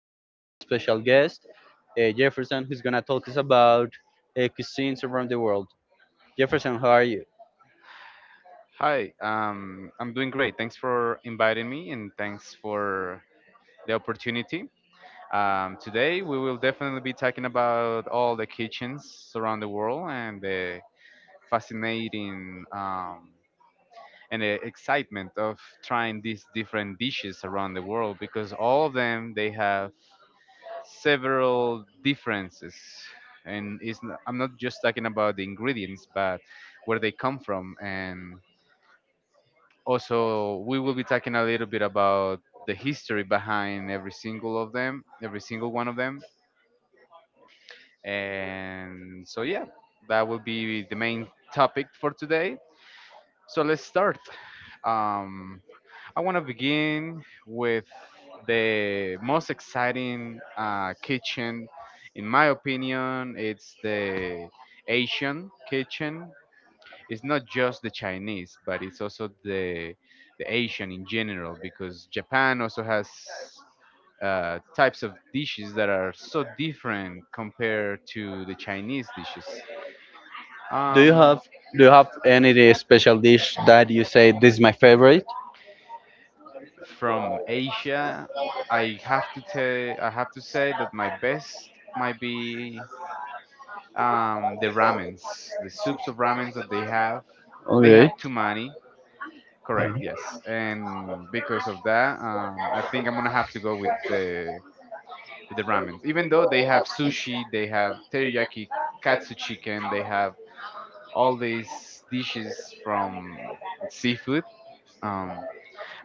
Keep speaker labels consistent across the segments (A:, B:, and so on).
A: we have a special guest, Jefferson, who's gonna talk us about cuisines around the world. Jefferson, how are you?
B: Hi, I'm doing great. Thanks for inviting me and thanks for the opportunity. Today, we will definitely be talking about all the kitchens around the world and the fascinating and the excitement of trying these different dishes around the world because all of them they have several differences. And I'm not just talking about the ingredients, but where they come from and also, we will be talking a little bit about the history behind every single one of them. And yeah, that will be the main topic for today. So let's start. Um, I want to begin with the most exciting kitchen, in my opinion. It's the Asian kitchen. It's not just the Chinese, but it's also the Asian in general because Japan also has types of dishes that are so different compared to the Chinese dishes.
A: Do you have
B: Um,
A: Do you have any special dish that you say this is my favorite?
B: from Asia, I have to say that my best might be the ramens, the soups of ramens that they have. They have
A: Okay,
B: too many. Correct, yes. And because of that, I think I'm gonna have to go with the ramen. Even though they have sushi, they have teriyaki katsu chicken, they have all these dishes from seafood. Um,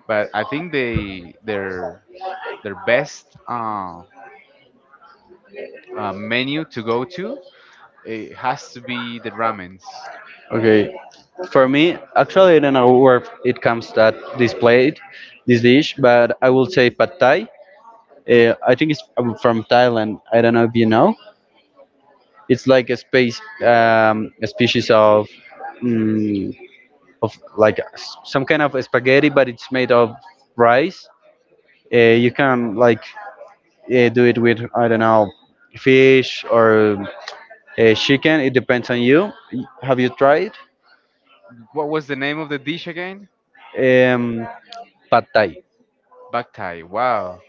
B: but I think they their best menu to go to, it has to be the ramens.
A: okay. For me, actually, I don't know where it comes that this plate, this dish, but I will say pad thai. I think it's from Thailand. I don't know if you know. It's like a species of, mm, of like some kind of spaghetti, but it's made of rice. You can like do it with, I don't know, fish or chicken. It depends on you. Have you tried
B: What was the name of the dish again?
A: um, pad thai?
B: Bak tai. Wow.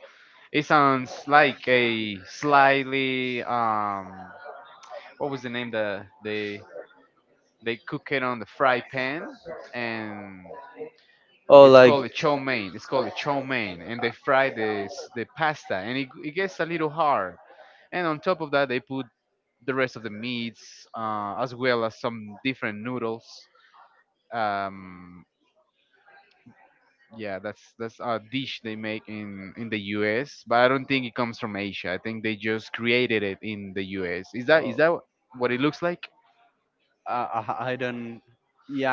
B: It sounds like a slightly what was the name that they cook it on the fry pan and
A: Or
B: it's
A: like,
B: called a chow mein. It's called a chow mein, and they fry the pasta, and it gets a little hard. And on top of that, they put the rest of the meats, as well as some different noodles. Um, yeah, that's a dish they make in the U.S., but I don't think it comes from Asia. I think they just created it in the U.S. Is that
A: oh.
B: what it looks like?
A: I don't.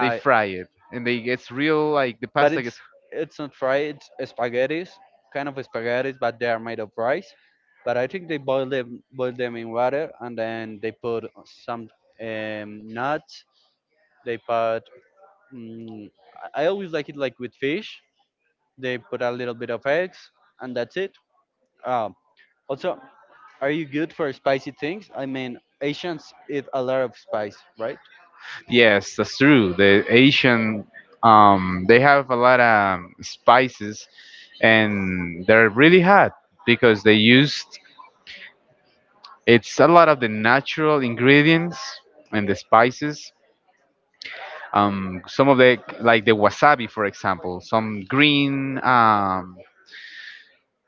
B: They fry it and they gets real like the
A: but
B: pasta
A: it's
B: gets.
A: it's not fried. It's spaghettis, kind of spaghettis, but they are made of rice. But I think they boil them in water, and then they put some nuts. They put. Mm, I always like it, like with fish. They put a little bit of eggs, and that's it. Um, Also, are you good for spicy things? I mean, Asians eat a lot of spice, right?
B: Yes, that's true. The Asian, they have a lot of spices, and they're really hot because they used it's a lot of the natural ingredients and the spices. Some of the like the wasabi, for example, some green.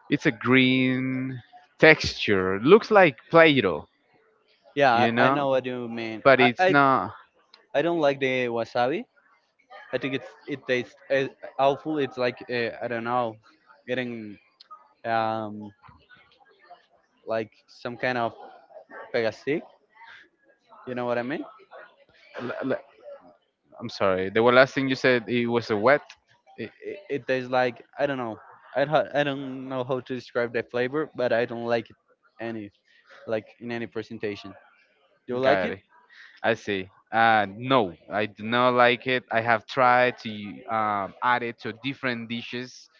B: It's a green texture. Looks like Play-Doh,
A: Yeah,
B: you
A: I know
B: know,
A: what you mean.
B: but
A: I,
B: it's
A: I
B: not.
A: I don't like the wasabi. I think it tastes awful. It's like, I don't know, getting um like some kind of pegastic. You know what I mean?
B: l- l- I'm sorry. The last thing you said it was a wet. It,
A: It tastes like, I don't know. I don't know how to describe the flavor, but I don't like it any like in any presentation. Do you like
B: got
A: it?
B: it. I see. No, I do not like it. I have tried to add it to different dishes.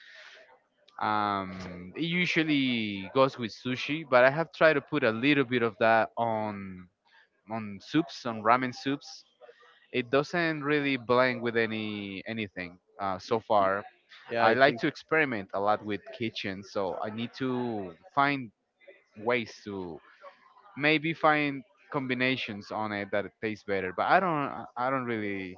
B: It usually goes with sushi, but I have tried to put a little bit of that on soups, on ramen soups. It doesn't really blend with anything so far.
A: Yeah,
B: I
A: I
B: like
A: think.
B: to experiment a lot with kitchen, so I need to find ways to maybe find combinations on it that taste better. But I don't really,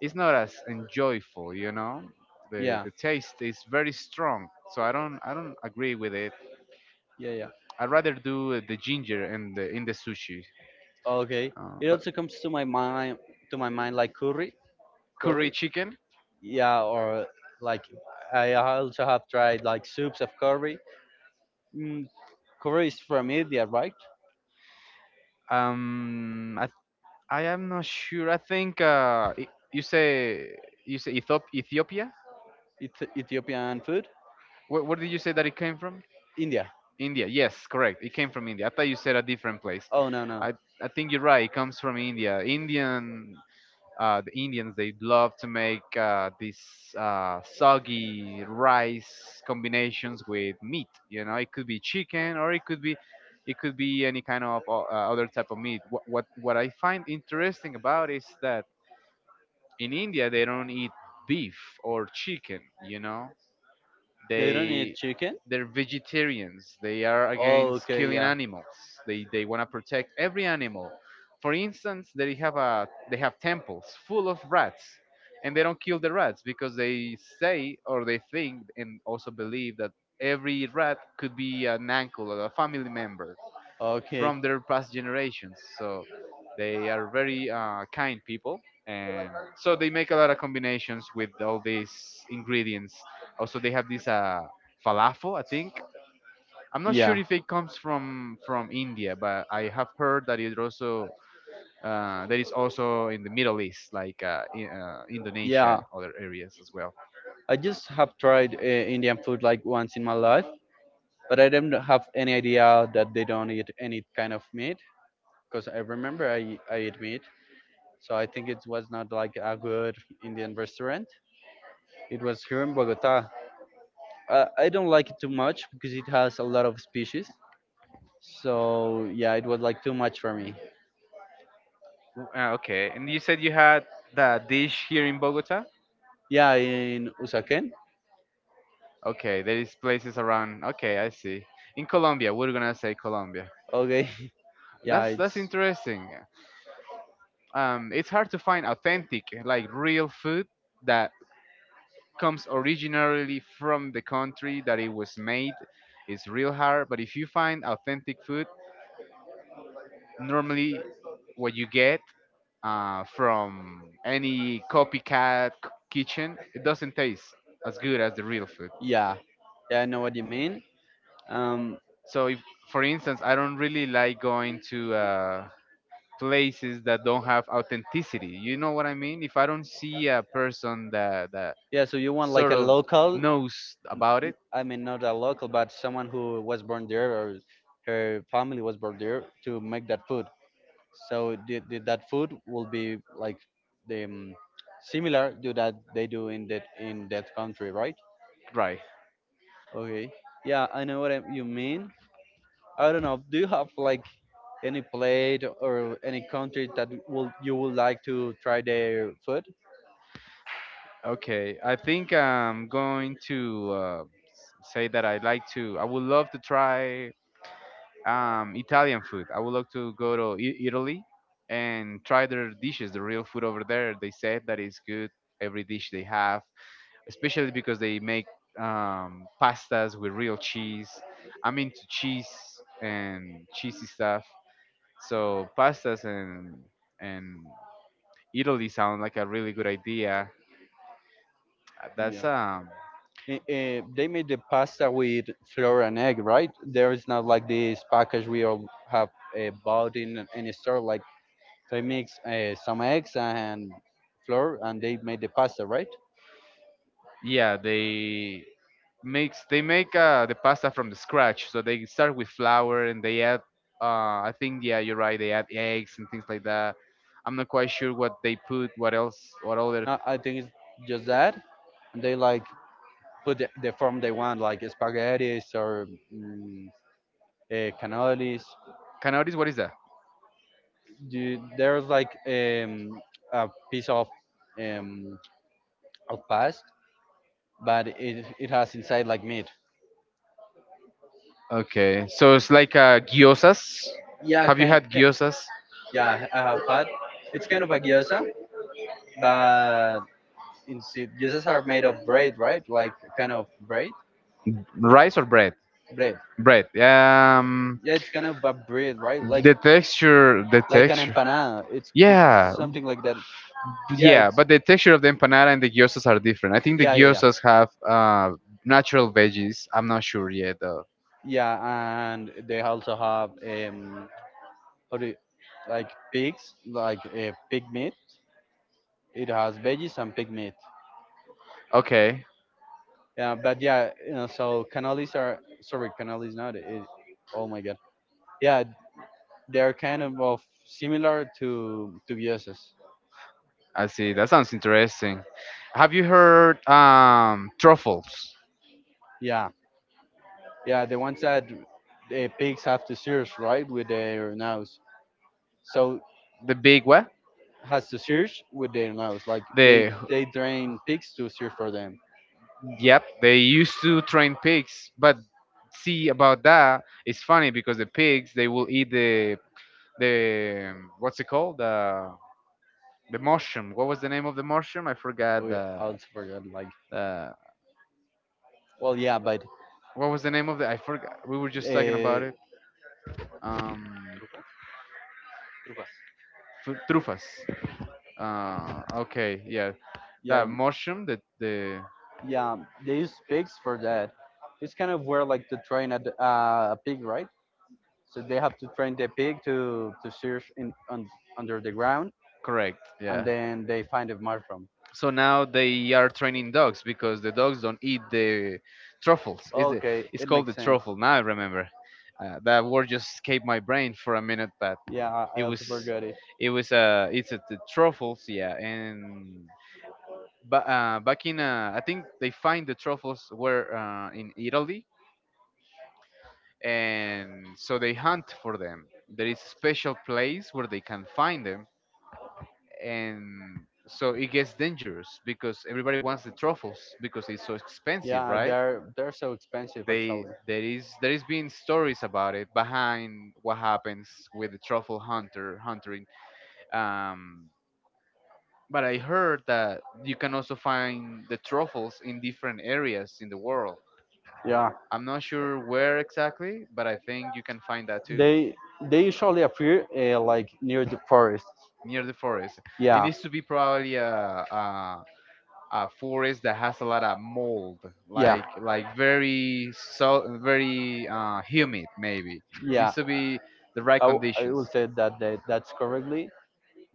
B: it's not as enjoyable, you know?
A: Yeah,
B: The taste is very strong. So I don't agree with it.
A: yeah, yeah.
B: I'd rather do the ginger and the in the sushi.
A: Okay. It
B: But
A: also comes to my mind like curry,
B: curry
A: curry.
B: chicken?
A: Yeah, or like I also have tried like soups of curry. Mm, Curry is from India, right?
B: Um I I am not sure. I think you say Ethop- Ethiopia?
A: It's Ethiopian food.
B: Where did you say that it came from?
A: India.
B: India. Yes, correct. It came from India. I thought you said a different place.
A: Oh, no, no,
B: I. I think you're right. It comes from India. Indian, the Indians they love to make these soggy rice combinations with meat. You know, it could be chicken or it could be any kind of other type of meat. What I find interesting about is that in India they don't eat beef or chicken. You know,
A: they don't
B: they
A: eat chicken.
B: they're vegetarians, they are
A: Oh,
B: against
A: okay,
B: killing
A: yeah,
B: animals, they want to protect every animal. For instance, they have a, they have temples full of rats and they don't kill the rats because they say or they think and also believe that every rat could be an uncle or a family member
A: okay,
B: from their past generations. So they are very kind people, and so they make a lot of combinations with all these ingredients. Also, they have this falafel, I think. I'm not sure
A: yeah,
B: if it comes from India, but I have heard that it also that is also in the Middle East, like
A: yeah.
B: Indonesia and other areas as well.
A: I just have tried Indian food like once in my life, but I don't have any idea that they don't eat any kind of meat. Because I remember I eat meat, so I think it was not like a good Indian restaurant. It was here in Bogota. I don't like it too much because it has a lot of species. So yeah, it was like too much for me.
B: Okay, and you said you had the dish here in Bogota.
A: Yeah, in Usaken.
B: Okay, there is places around. Okay, I see. In Colombia, we're gonna say Colombia.
A: Okay. Yeah,
B: That's
A: it's
B: interesting. It's hard to find authentic, like real food that comes originally from the country that it was made. It's real hard. But if you find authentic food, normally what you get from any copycat kitchen, it doesn't taste as good as the real food.
A: yeah. Yeah, I know what you mean. Um
B: So if, for instance, I don't really like going to. Places that don't have authenticity. You know what I mean? If I don't see a person that
A: yeah, so you want like
B: sort
A: a
B: of
A: local.
B: knows about it,
A: I mean, not a local, but someone who was born there, or her family was born there, to make that food. So that food will be like the, similar to that they do in that country, right?
B: right?
A: Okay. Yeah, I know what you mean. I don't know. Do you have like any plate or any country that will you would like to try their food?
B: Okay, I think I'm going to say that I like to. I would love to try Italian food. I would love to go to Italy and try their dishes, the real food over there. They said that it's good every dish they have, especially because they make pastas with real cheese. I'm into cheese and cheesy stuff. So pastas and Italy sound like a really good idea. That's
A: Yeah. They made the pasta with flour and egg, right? There is not like this package we all have bought in any store. Like, so they mix some eggs and flour, and they made the pasta, right?
B: Yeah, they make the pasta from the scratch. So they start with flour and they add I think, yeah, you're right, they add eggs and things like that. I'm not quite sure what they put. What else? What other?
A: I think it's just that, and they like put the form they want, like spaghetti or, mm, cannolis.
B: Canotis? What is that?
A: There's like, a piece of, um, past, but it has inside like meat.
B: Okay, so it's like gyozas.
A: Yeah,
B: Have you had
A: can
B: gyozas?
A: yeah, I have had. It's kind of a gyoza, but instead gyozas are made of bread, right? Like kind of bread,
B: Rice or bread?
A: bread.
B: Bread. Yeah.
A: Yeah, it's kind of a bread, right? Like
B: The texture, the
A: like an
B: texture.
A: empanada. It's
B: Yeah,
A: something like that. Yeah,
B: yeah,
A: it's
B: but the texture of the empanada and the gyozas are different. I think the
A: yeah, yeah, yeah,
B: gyozas have natural veggies. I'm not sure yet though.
A: yeah. And they also have, Or do you- like pigs, like a pig meat. It has veggies and pig meat.
B: Okay,
A: Yeah, but yeah, so cannolis not. It, oh my god. Yeah, they are kind of similar to gyozas.
B: I see. That sounds interesting. Have you heard truffles?
A: Yeah, yeah, the ones that the pigs have to search, right, with their nose. So
B: The big what?
A: has to search with their nose. Like, they
B: The.
A: they train pigs to search for them.
B: Yep, they used to train pigs, but see about that, it's funny because the pigs they will eat the what's it called, the mushroom. What was the name of the mushroom? I
A: Oh
B: forgot
A: yeah, I
B: the
A: also forgot. Like,
B: the
A: well, yeah, but
B: what was the name of the, I forgot. We were just talking
A: uh,
B: about it. Um, trufas. Okay, yeah,
A: yeah,
B: that mushroom that the.
A: yeah, they use pigs for that. It's kind of where, like, to train a, a pig, right? So they have to train the pig to search in on, under the ground,
B: Correct.
A: and
B: Yeah.
A: then they find the mushroom.
B: So now they are training dogs because the dogs don't eat the truffles.
A: Okay,
B: It's
A: it
B: called the
A: makes sense.
B: truffle. Now I remember. That word just escaped my brain for a minute, but
A: Yeah, I
B: it was,
A: also forgot it.
B: it was the truffles, yeah. And but I think they find the truffles were in Italy, and so they hunt for them. There is a special place where they can find them and so it gets dangerous because everybody wants the truffles because it's so expensive,
A: Yeah,
B: right?
A: they're so expensive,
B: They
A: actually.
B: there is been stories about it behind what happens with the truffle hunter hunting. Um, but I heard that you can also find the truffles in different areas in the world.
A: Yeah.
B: I'm not sure where exactly, but I think you can find that too
A: They they usually appear like near the forest.
B: near the forest. It
A: Yeah,
B: needs to be probably a a forest that has a lot of mold,
A: yeah,
B: like very humid maybe. Needs
A: yeah.
B: to be the right
A: I will
B: conditions.
A: say that that's correctly.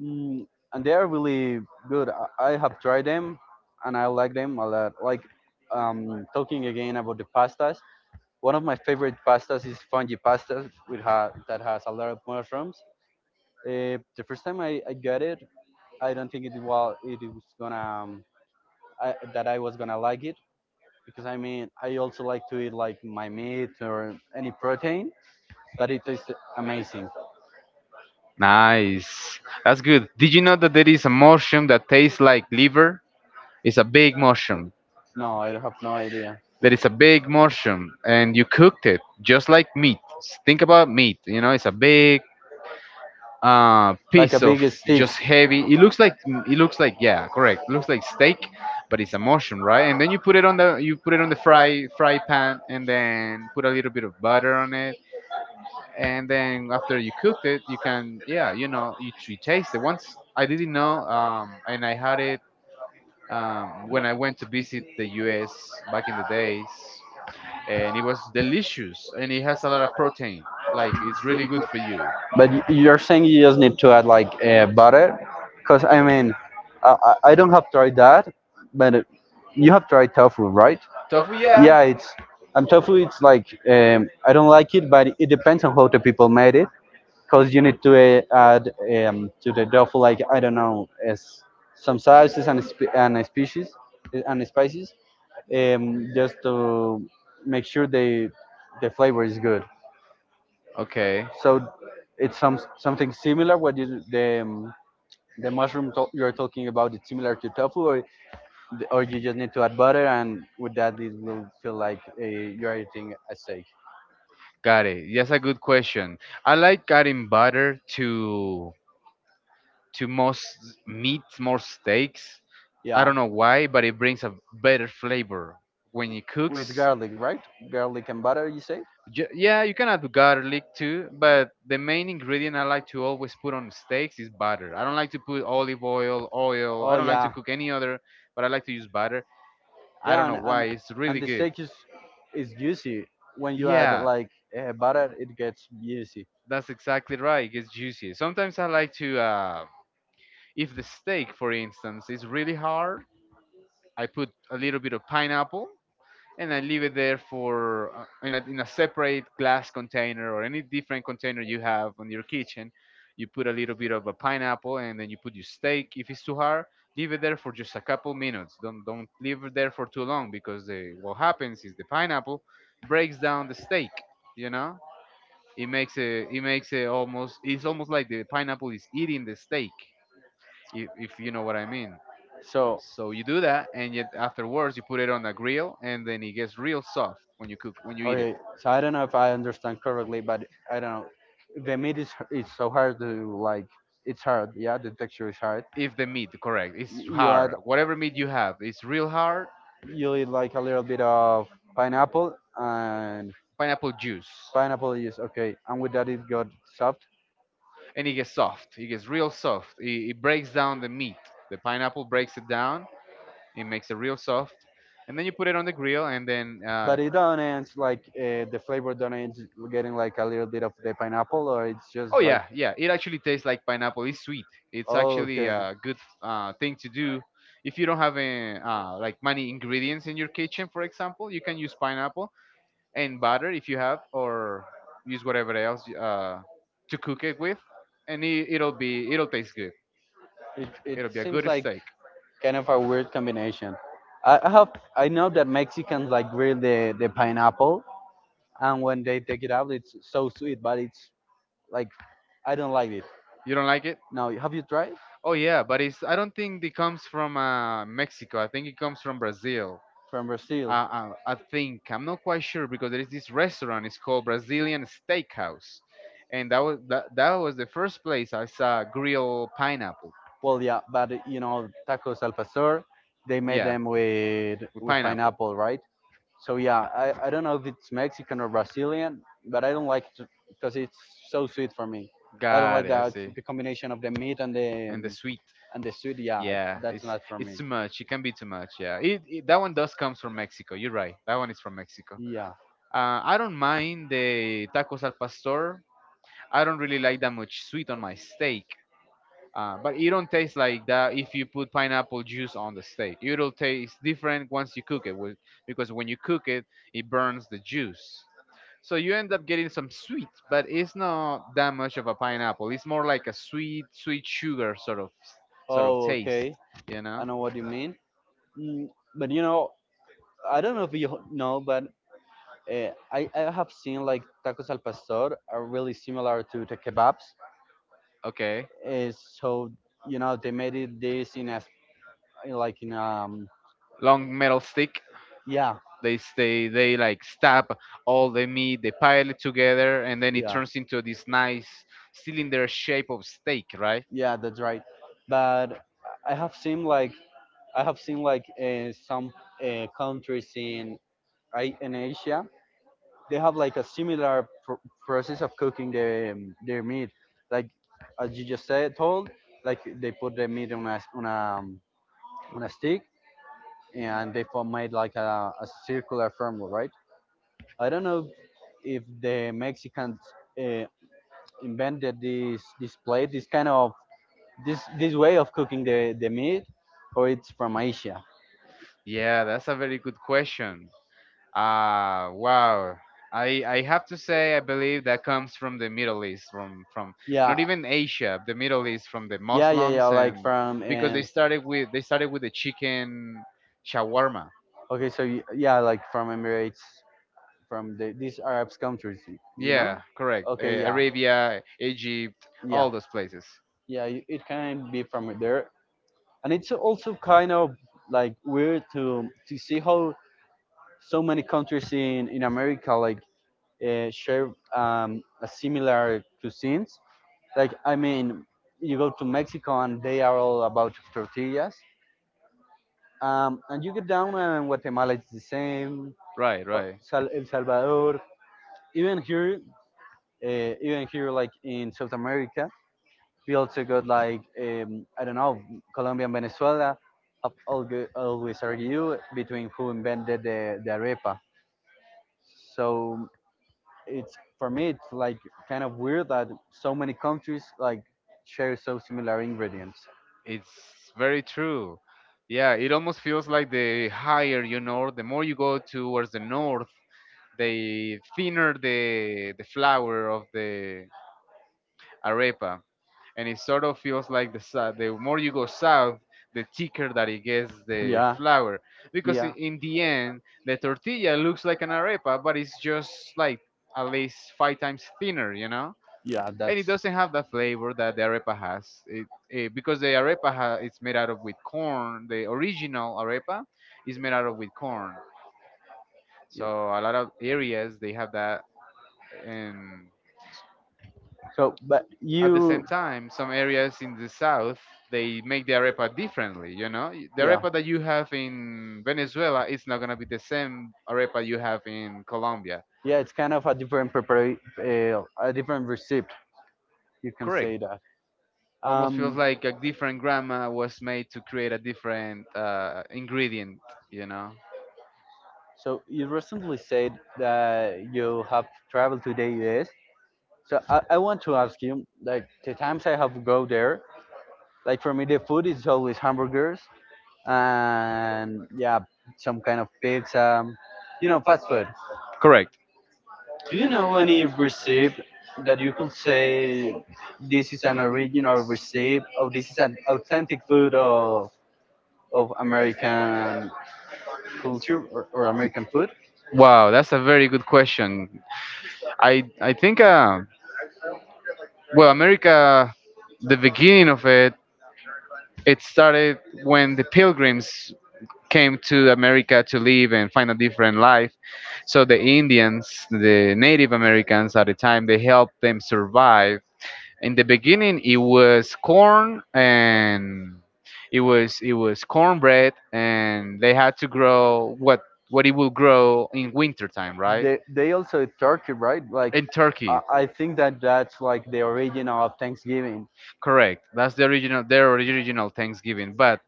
A: Mm, and they are really good. I have tried them, and I like them a lot. Like, talking again about the pastas. One of my favorite pastas is fungi pastas with that has a lot of mushrooms. The first time I got it, I don't think it was gonna, um, that I was gonna like it, because I mean, I also like to eat like my meat or any protein, but it tastes amazing.
B: Nice. That's good. Did you know that there is a mushroom that tastes like liver? It's a big mushroom.
A: No, I have no idea.
B: There is a big mushroom, and you cooked it just like meat. S- Think about meat. You know, it's a big
A: Like a
B: piece of
A: big stick.
B: just heavy. It looks like it looks like, yeah, correct. It looks like steak, but it's a mushroom, right? And then you put it on the, you put it on the fry pan, and then put a little bit of butter on it, and then after you cooked it, you can yeah, you know, you taste it. Once I didn't know, and I had it when I went to visit the U.S. back in the days, and it was delicious, and it has a lot of protein. Like it's really good for you.
A: But you're saying you just need to add like butter, because I mean, I don't have tried that, but you have tried tofu, right?
B: Tofu,
A: Yeah,
B: yeah.
A: it's and tofu. It's like, I don't like it, but it depends on how the people made it, because you need to add, to the tofu, like, I don't know, as some sauces and and species and spices, just to make sure the flavor is good.
B: Okay.
A: So it's something similar. What you The mushroom you're talking about is similar to tofu, or you just need to add butter, and with that it will feel like, you're eating a steak.
B: Got it. That's a good question. I like adding butter to most meat, more steaks. I
A: Yeah,
B: don't know why, but it brings a better flavor when it
A: with
B: cooks.
A: garlic, right? Garlic and butter, you say?
B: Yeah, you can add garlic too, but the main ingredient I like to always put on steaks is butter. I don't like to put olive oil, oil.
A: Oh
B: I don't like to
A: yeah.
B: cook any other, but I like to use butter. I
A: Yeah,
B: don't
A: and
B: know why.
A: and,
B: It's
A: and
B: really
A: the
B: good.
A: steak is juicy. When you add
B: Yeah.
A: like butter, it gets juicy.
B: That's exactly right. It gets juicy. Sometimes I like to, if the steak, for instance, is really hard, I put a little bit of pineapple and I leave it there in a separate glass container or any different container you have on your kitchen. You put a little bit of a pineapple and then you put your steak. If it's too hard, leave it there for just a couple minutes. Don't leave it there for too long because what happens is the pineapple breaks down the steak. You know, it makes it's almost like the pineapple is eating the steak, if you know what I mean.
A: So
B: So you do that, and yet afterwards you put it on a grill, and then it gets real soft when you cook when you eat it.
A: okay, so I don't know if I understand correctly, but I don't know. The meat is so hard to, like. It's hard, yeah. The texture is hard.
B: If the meat, correct, it's
A: You add
B: hard. Whatever meat you have, it's real hard.
A: you eat like a little bit of pineapple, and
B: Pineapple juice,
A: pineapple is okay, and with that it got soft.
B: and it gets soft. It gets real soft. It breaks down the meat. The pineapple breaks it down. It makes it real soft, and then you put it on the grill, and then.
A: But it don't end like, the flavor don't end getting like a little bit of the pineapple, or it's just,
B: Oh
A: oh, like.
B: yeah, yeah. It actually tastes like pineapple. It's sweet.
A: Yeah,
B: It's
A: oh,
B: actually
A: okay.
B: a good thing to do if you don't have like many ingredients in your kitchen. For example, you can use pineapple and butter if you have, or use whatever else to cook it with, and it'll taste good.
A: It
B: It'll be a
A: seems
B: good
A: like
B: steak.
A: kind of a weird combination. I, I have I know that Mexicans like grill the pineapple, and when they take it out it's so sweet, but it's like, I don't like it.
B: You don't like it?
A: Now, have you tried
B: Oh yeah, but it's I don't think it comes from Mexico. I think it comes from Brazil.
A: from Brazil?
B: I think I'm not quite sure because there is this restaurant. It's called Brazilian Steakhouse, and that was the first place I saw grilled pineapple.
A: Well, yeah, but tacos al pastor, they made
B: Yeah,
A: them with
B: with
A: with
B: pineapple.
A: pineapple, right? So yeah, I don't know if it's Mexican or Brazilian, but I don't like it because it's so sweet for me. I don't
B: Got
A: like
B: it. I
A: that
B: see.
A: the combination of the meat and the
B: And the
A: um,
B: sweet.
A: and the sweet. Yeah,
B: Yeah,
A: that's not for
B: it's
A: me.
B: too much. It can be too much. Yeah, it that one does comes from Mexico. You're right. That one is from Mexico.
A: Yeah.
B: I don't mind the tacos al pastor. I don't really like that much sweet on my steak. But it don't taste like that if you put pineapple juice on the steak. It'll taste different once you cook it, with, because when you cook it, it burns the juice. So you end up getting some sweet, but it's not that much of a pineapple. It's more like a sweet, sweet sugar sort of
A: Oh,
B: taste.
A: okay.
B: You
A: I
B: know?
A: know what you mean. Mm, but I don't know if you know, but I have seen like tacos al pastor are really similar to the kebabs.
B: Okay.
A: Uh, so you know they made it this in a s- in like in
B: Long metal stick.
A: yeah,
B: They stay. They like stab all the meat. They pile it together, and then it
A: yeah,
B: turns into this nice cylinder shape of steak, right?
A: yeah, that's right. But I have seen like I have seen like some countries in Asia. They have like a similar process of cooking their meat. Like, as you just said told, like, they put the meat on a s- on a stick, and they form made like a circular formula, right? I don't know if the Mexicans uh, invented this plate, this kind of this way of cooking the meat, or it's from Asia.
B: Yeah, that's a very good question. Ah, wow. I have to say I believe that comes from the Middle East, from
A: Yeah,
B: not even Asia, the Middle East, from the yeah, yeah,
A: yeah, yeah, yeah.
B: Muslims,
A: Like,
B: and
A: from,
B: because they started with the chicken shawarma.
A: okay, so yeah, like from Emirates, from these Arab countries, you know?
B: Yeah, correct.
A: Okay, yeah,
B: Arabia, Egypt,
A: yeah,
B: all those places.
A: yeah. It can be from there, and it's also kind of like weird to see how so many countries in America, like, share, a similar cuisines. Like, I mean, you go to Mexico and they are all about tortillas, and you get down and Guatemala, it's the same,
B: Right, right.
A: El Salvador, even here, even here, like in South America. We also got, like, I don't know, Colombia and Venezuela have always argue between who invented the arepa. So, it's for me it's like kind of weird that so many countries like share so similar ingredients.
B: It's very true. Yeah, it almost feels like the higher you know, the more you go towards the north, the thinner the flour of the arepa, and it sort of feels like the more you go south, the thicker that it gets the
A: Yeah,
B: flour, because
A: yeah,
B: in the end the tortilla looks like an arepa, but it's just like at least five times thinner, you know,
A: yeah. That's
B: and it doesn't have the flavor that the arepa has. It, because the it's made out of with corn. The original arepa is made out of with corn. So
A: yeah.
B: a lot of areas they have that, and
A: So, but
B: at the same
A: you,
B: time, some areas in the south they make the arepa differently. You know, the
A: yeah.
B: arepa that you have in Venezuela is not gonna be the same arepa you have in Colombia.
A: Yeah, it's kind of a different a different recipe. You can say
B: Correct.
A: that.
B: Almost feels
A: Um,
B: like a different grandma was made to create a different ingredient, you know.
A: so you recently said that you have traveled to the US. So I want to ask you, like the times I have go there, like for me the food is always hamburgers and yeah, some kind of pizza, you know, fast food.
B: Correct.
A: Do you know any receipt that you could say this is an original receipt or this is an authentic food of American culture, or American food?
B: Wow, that's a very good question. I think, well, America, the beginning of it, it started when the pilgrims came to America to live and find a different life. So the Indians, the Native Americans at the time, they helped them survive. In the beginning it was corn, and it was cornbread, and they had to grow what it will
A: Bro,
B: grow in winter time, right?
A: They also eat turkey, right? Like big
B: In turkey,
A: turkey. I think that that's like the origin of Thanksgiving.
B: correct. That's the original, their original Thanksgiving. But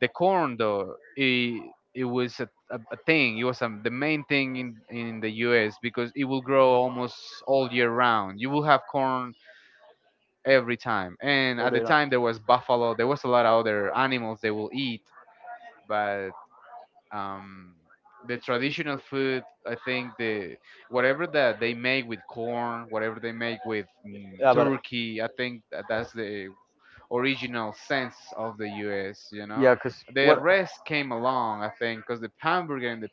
B: the corn, though, it was a thing. It was the main thing in the US because it will grow almost all year round. You will have corn every time. And
A: Oh,
B: at
A: they
B: the
A: the
B: time there was
A: time,
B: buffalo,
A: although
B: there
A: there was
B: was a
A: a
B: lot
A: lot
B: of
A: of other
B: other animals they will eat, but um, the traditional food, I think, the
A: whatever
B: whatever
A: corn,
B: that they make with corn, whatever they make with
A: and yeah, but no
B: turkey, I think that that's the original sense
A: sense.
B: of the U.S. You know,
A: Yeah, because
B: the
A: what?
B: rest came along, I think, because the hamburger and the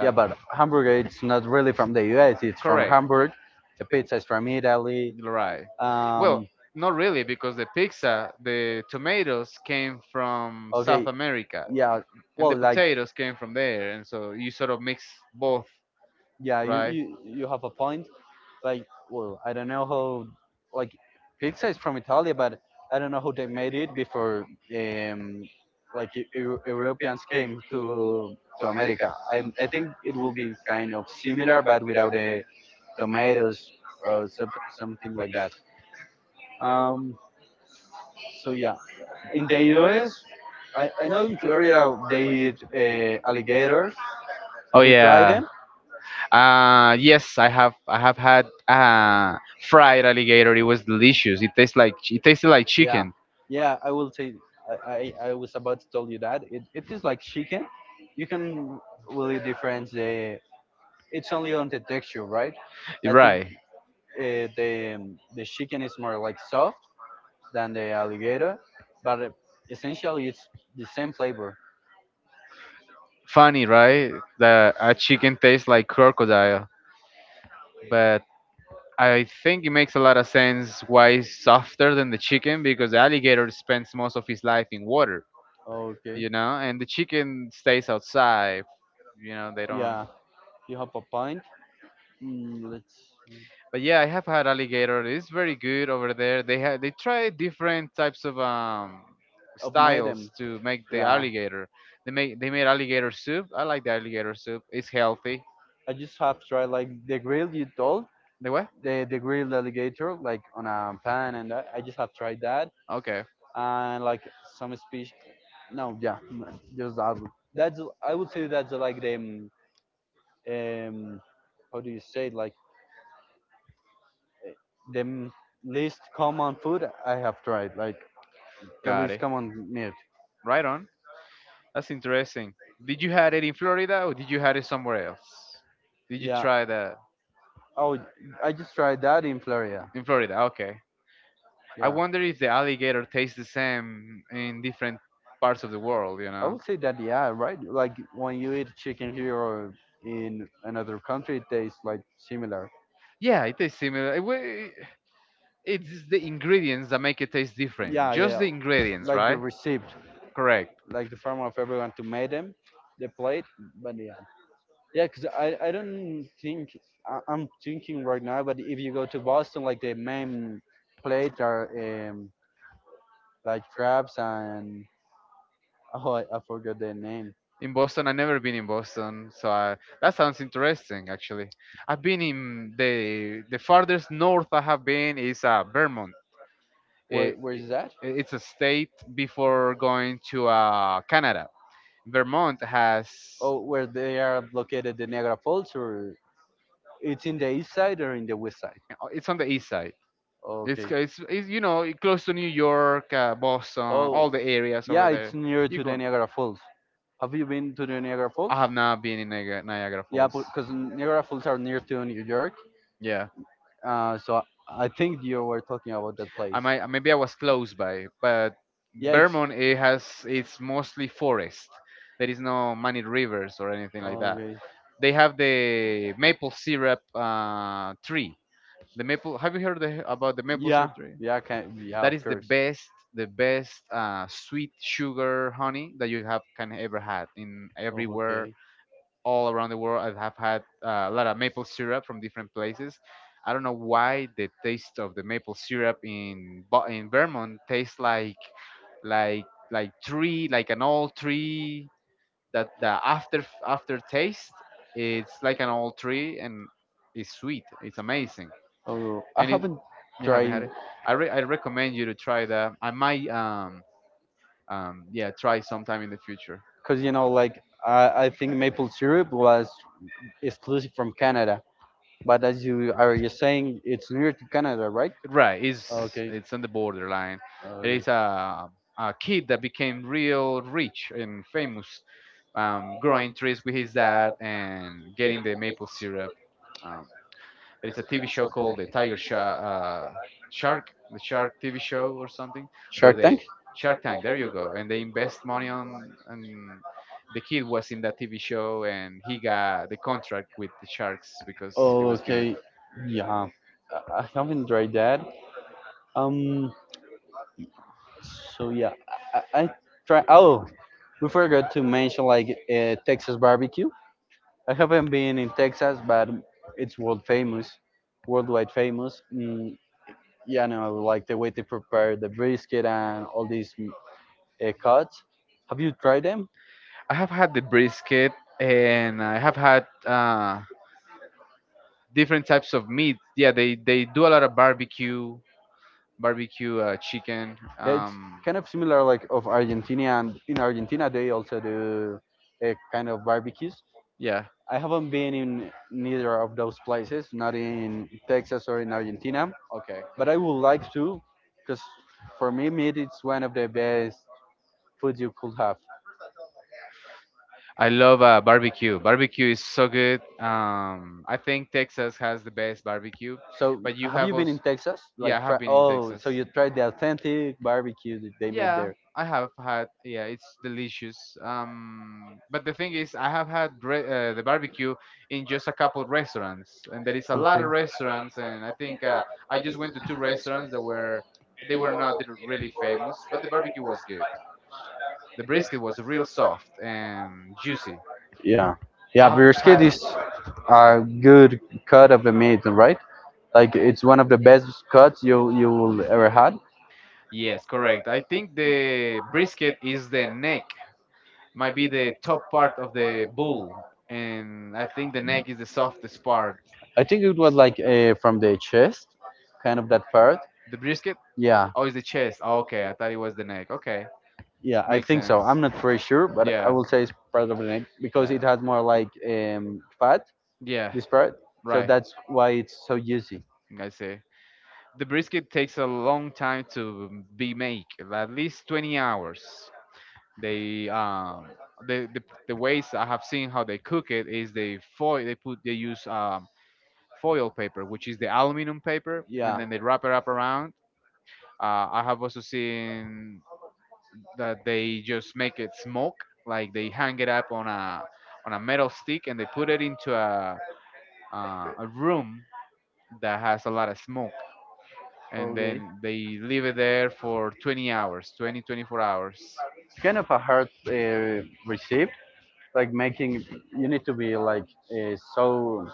A: Yeah, but hamburger it's not really from the U.S. It's from
B: correct.
A: Hamburg. The pizza is from Italy.
B: Right. Well,
A: Um,
B: not really, because the pizza, the tomatoes came from South
A: okay,
B: America,
A: yeah.
B: and the
A: Well, like
B: potatoes came from there, and so you sort of mix both,
A: yeah, you,
B: right?
A: you have a point. Like, well, I don't know how, like, pizza is from Italy, but I don't know how they made it before, um, like Europeans came to America. I think it will be kind of similar but without the tomatoes or something like that. Um, so yeah, in the US, I know in Florida they eat alligators.
B: Oh
A: Have you tried
B: yeah.
A: them?
B: Yes, I have had fried alligator. It was delicious. It tastes like it tasted like
A: Yeah,
B: chicken.
A: yeah, I will say. I was about to tell you that it is like chicken. You can really difference the. It's only on the texture, right? I think
B: Right.
A: the chicken is more like soft than the alligator, but essentially it's the same flavor.
B: Funny, right? That a chicken tastes like crocodile, but I think it makes a lot of sense why it's softer than the chicken because the alligator spends most of his life in water,
A: Okay.
B: you know, and the chicken stays outside. You know, they don't.
A: Yeah, you have a pint. Mm, let's see.
B: But yeah, I have had alligator. It's very good over there. They try different types of
A: Of Madam.
B: styles to make the
A: Yeah,
B: alligator. They made alligator soup. I like the alligator soup. It's healthy.
A: I just have tried like the grill you told.
B: The what?
A: The grilled alligator like on a pan and that. I just have tried that
B: Okay,
A: and like some species. No, yeah, just that. That's, I would say that's like the um, how do you say it? Like, eh, the least common food I have tried, like the
B: got
A: least
B: it.
A: common meat.
B: Right on. That's interesting. Did you had it in Florida or did you had it somewhere else? Did you
A: Yeah.
B: try that
A: Oh, I just tried that in Florida.
B: in Florida? Okay. I
A: Yeah.
B: wonder if the alligator tastes the same in different parts of the world. You
A: I
B: know?
A: would say that, yeah, right? Like when you eat chicken here or in another country, it tastes like similar.
B: Yeah, it tastes similar. It's the ingredients that make it taste different.
A: Yeah,
B: Just
A: yeah,
B: the ingredients,
A: like the
B: right?
A: receipt,
B: Correct.
A: like the farm of everyone to make them, the plate. But yeah, yeah, because I don't think I'm thinking right now. But if you go to Boston, like the main plate are um, like crabs and oh, I forgot the name.
B: In Boston, I've never been in Boston, so I, that sounds interesting. Actually, I've been in the farthest north I have been is Vermont.
A: Where
B: It,
A: is that?
B: it's a state before going to Canada. Vermont has. uh,
A: Oh, where they are located, the Niagara Falls, or it's in the east side or in the west side?
B: It's on the east side. It's,
A: Okay.
B: it's, it's you know it close to New York, Boston, all
A: Oh,
B: the areas over
A: yeah, it's
B: there.
A: near
B: You
A: to the
B: go.
A: Niagara Falls. Have you been to the Niagara Falls?
B: I have not been in Niagara
A: Yeah,
B: Falls.
A: because Niagara Falls are near to New York.
B: Yeah,
A: So I think you were talking about that
B: I
A: place.
B: might maybe I was close by, but
A: Yeah, it's
B: Vermont, it's mostly forest. There is no many rivers or anything like that.
A: okay.
B: They have the maple syrup tree. The maple. Have you heard about the maple
A: Yeah,
B: syrup tree?
A: yeah, can, yeah,
B: That
A: of
B: is
A: course.
B: the best sweet sugar honey that you have can ever had in
A: Oh,
B: everywhere
A: okay.
B: all around the world. I have had a lot of maple syrup from different places. I don't know why the taste of the maple syrup in in Vermont tastes like like tree, like an old tree, that the aftertaste, it's like an old tree, and it's sweet, it's amazing,
A: Oh, I
B: and
A: haven't
B: you haven't
A: tried
B: had it. I recommend you to try that. I might Yeah, try sometime in the future.
A: because you know, like, I think maple syrup was exclusive from Canada, but as you saying, it's near to Canada, right?
B: Right,
A: Right? Okay.
B: it's on the borderline. It
A: Okay.
B: is a kid that became real rich and famous, growing trees with his dad and getting the maple syrup. um, There is a TV show called the Tiger Shark, Shark, the Shark TV show or something, where
A: Shark
B: they
A: Tank?
B: Shark Tank. There you go, and they invest money on. And the kid was in that TV show, and he got the contract with the sharks because it
A: Oh,
B: was good.
A: okay. Yeah, I haven't tried that. Um, so yeah, I try. Oh, we forgot to mention like Texas barbecue. I haven't been in Texas, but it's world famous, worldwide famous. Mm, yeah, no, like the way they prepare the brisket and all these mm, cuts. Have you tried them?
B: I have had the brisket, and I have had different types of meat. Yeah, they do a lot of barbecue, barbecue chicken.
A: Yeah, it's kind of similar like of Argentina, and in Argentina they also do a kind of barbecues.
B: Yeah.
A: I haven't been in neither of those places, not in Texas or in Argentina,
B: Okay.
A: but I would like to, because for me, meat it's one of the best food you could have.
B: I love barbecue. Barbecue is so good. I think Texas has the best barbecue,
A: So,
B: but you
A: have you
B: have
A: been in
B: also.
A: Texas?
B: Yeah, I
A: Like,
B: have
A: try,
B: been in
A: oh,
B: Texas.
A: so you tried the authentic barbecue that they made
B: Yeah,
A: there?
B: I have had. Yeah, it's delicious. But the thing is, I have had the barbecue in just a couple restaurants, and there
A: Okay.
B: is a lot of restaurants. And I think I just went to two restaurants that were they were not really famous, but the barbecue was good. The brisket was real soft and juicy.
A: Yeah, yeah,
B: I've
A: brisket
B: had
A: is a good cut of the meat, right? Like, it's one of the best cuts you will ever had.
B: yes, correct. I think the brisket is the neck, might be the top part of the bull, and I think the neck is the softest part.
A: I think it was like from the chest, kind of that part.
B: The brisket?
A: Yeah,
B: Oh, it's the chest. Oh, okay, I thought it was the neck. Okay,
A: yeah, I
B: makes
A: think so.
B: sense.
A: I'm not very sure, but I
B: Yeah.
A: will say it's part of the neck because it
B: Yeah.
A: has more like fat,
B: Yeah.
A: this
B: Yeah.
A: part. So
B: Right.
A: that's why it's so juicy.
B: I see. The brisket takes a long time to be made, at least 20 hours. They um the, the the ways I have seen how they cook it is they use foil paper, which is the aluminum paper, and
A: Yeah.
B: then they wrap it up around. I have also seen that they just make it smoke, like they hang it up on a metal stick and they put it into a room that has a lot of smoke, and
A: Okay.
B: then they leave it there for 20 hours, 20 24 hours.
A: It's kind of a hard recipe, like making you need to be like so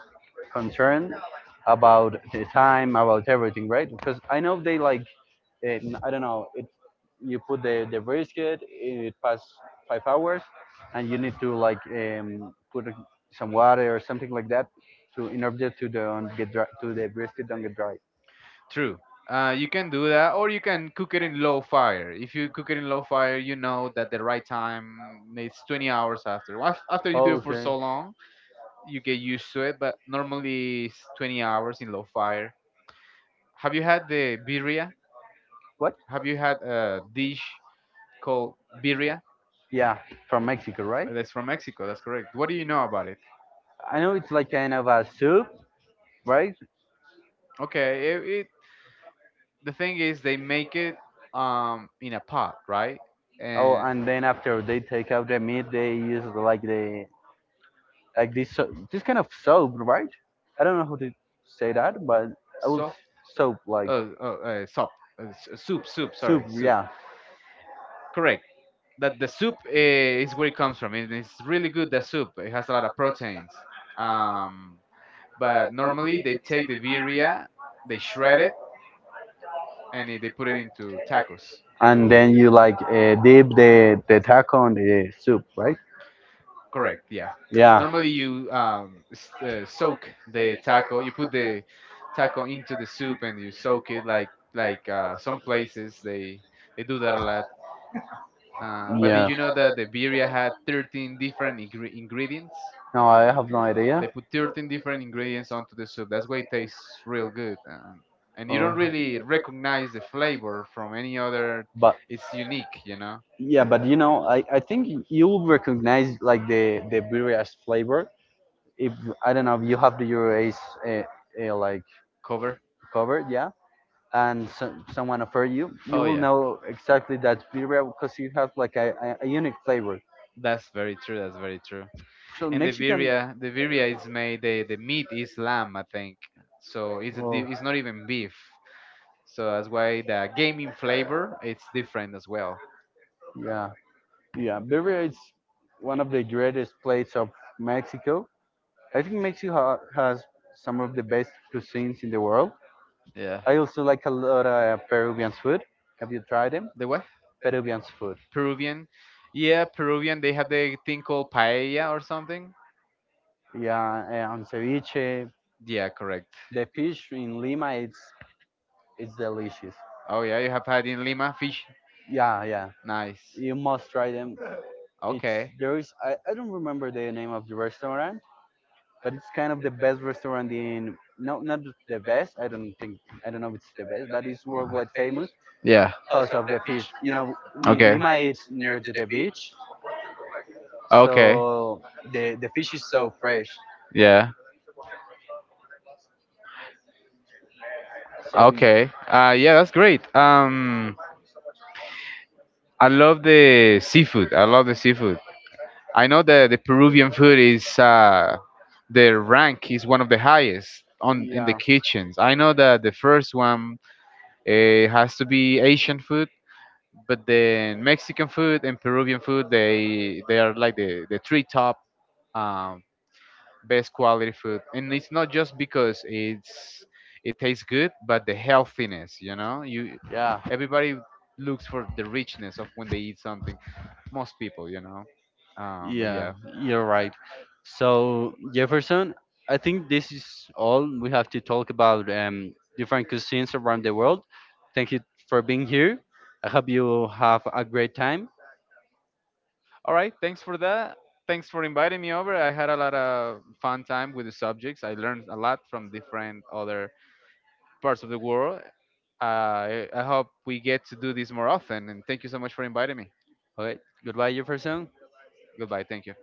A: concerned about the time, about everything, right? Because I know they like it, I don't know it, you put the brisket, it past 5 hours and you need to like um, put some water or something like that to, in order to don't get dry, to the brisket don't get dry.
B: True.
A: You
B: You
A: you
B: can do that, or you can cook it in low
A: can fire,
B: fire. If you cook it
A: you
B: in low
A: can
B: fire,
A: fire,
B: you
A: you know
B: know that
A: that
B: the right
A: time,
B: time is 20
A: many hours
B: hours after.
A: after. Why
B: After
A: after
B: you do it for
A: okay you
B: so
A: so long?
B: long, you get used to it, but normally it's 20 hours in low fire. Have you had the birria?
A: What?
B: Have you had a dish called birria?
A: Yeah, from Mexico, right?
B: That's from Mexico. That's correct. What do you know about it?
A: I know it's like kind of a soup, right?
B: Okay, it the thing is they make it in a pot, right?
A: Oh,
B: And
A: and then after they take out the meat, they use like the like this this kind of soap, right? I don't know how to say that, but I will
B: soft.
A: soap like
B: Oh, Soup. Soup,
A: soup,
B: sorry, soup.
A: yeah.
B: Correct. That the soup, is where it comes from. It's really good, the soup. It has a lot of proteins, um, but normally they take the birria, they shred it, and they put it into tacos.
A: And then you like dip the taco in the soup, right?
B: Correct, yeah.
A: Yeah,
B: Normally you soak the taco. You put the taco into the soup and you soak it, like some places they do that a lot. But did
A: yeah.
B: you know that the birria had 13 different ingredients?
A: No, I have no idea.
B: They put 13 different ingredients onto the soup. That's why it tastes real good. And you
A: Um,
B: don't really recognize the flavor from any other.
A: but
B: It's unique, you know?
A: yeah, but you know, I think you'll recognize like the birria flavor if I don't know if you have the Euroace uh, like
B: Cover.
A: covered, yeah, and so, someone offer you, you
B: Oh,
A: will
B: yeah.
A: know exactly that birria because it has like a unique flavor.
B: That's very true. That's very true.
A: So
B: And
A: Mexican.
B: the birria is made. The meat is lamb, I think. So it's a,
A: Well,
B: it's not even beef. So that's why the gaming flavor it's different as well.
A: yeah, yeah, birria is one of the greatest plates of Mexico. I think Mexico has some of the best cuisines in the world.
B: Yeah.
A: I also like a lot of Peruvian food. Have you tried them?
B: The what?
A: Peruvian food.
B: Peruvian. Yeah, Peruvian. They have the thing called paella or something.
A: Yeah, and ceviche.
B: Yeah, correct.
A: The fish in Lima, it's delicious.
B: Oh yeah, you have had in Lima fish.
A: Yeah, yeah.
B: Nice.
A: You must try them. It's
B: Okay.
A: there is, I don't remember the name of the restaurant, but it's kind of the best restaurant in no, not the best. I don't think, I don't know if it's the best, but it's worldwide famous
B: Yeah.
A: because of the fish. You know,
B: Okay.
A: Lima it's near to the beach,
B: Okay.
A: so the fish is so fresh.
B: Yeah.
A: So
B: Okay. Yeah, that's great. I love the seafood. I love the seafood. I know that the Peruvian food is the rank is one of the highest on in the
A: yeah.
B: kitchens. I know that the first one uh, has to be Asian food, but then Mexican food and Peruvian food, they are like the three top um, best quality food, and it's not just because it tastes good, but the healthiness. You know, you
A: Yeah.
B: everybody looks for the richness of when they eat something. Most people, you know. But
A: Yeah.
B: yeah.
A: You're right. So Jefferson, I think this is all we have to talk about different cuisines around the world. Thank you for being here. I hope you have a great time.
B: All right, thanks for that. Thanks for inviting me over. I had a lot of fun time with the subjects. I learned a lot from different other parts of the world. I hope we get to do this more often. And thank you so much for inviting me.
A: Okay. Goodbye, Jefferson.
B: Goodbye. Thank you.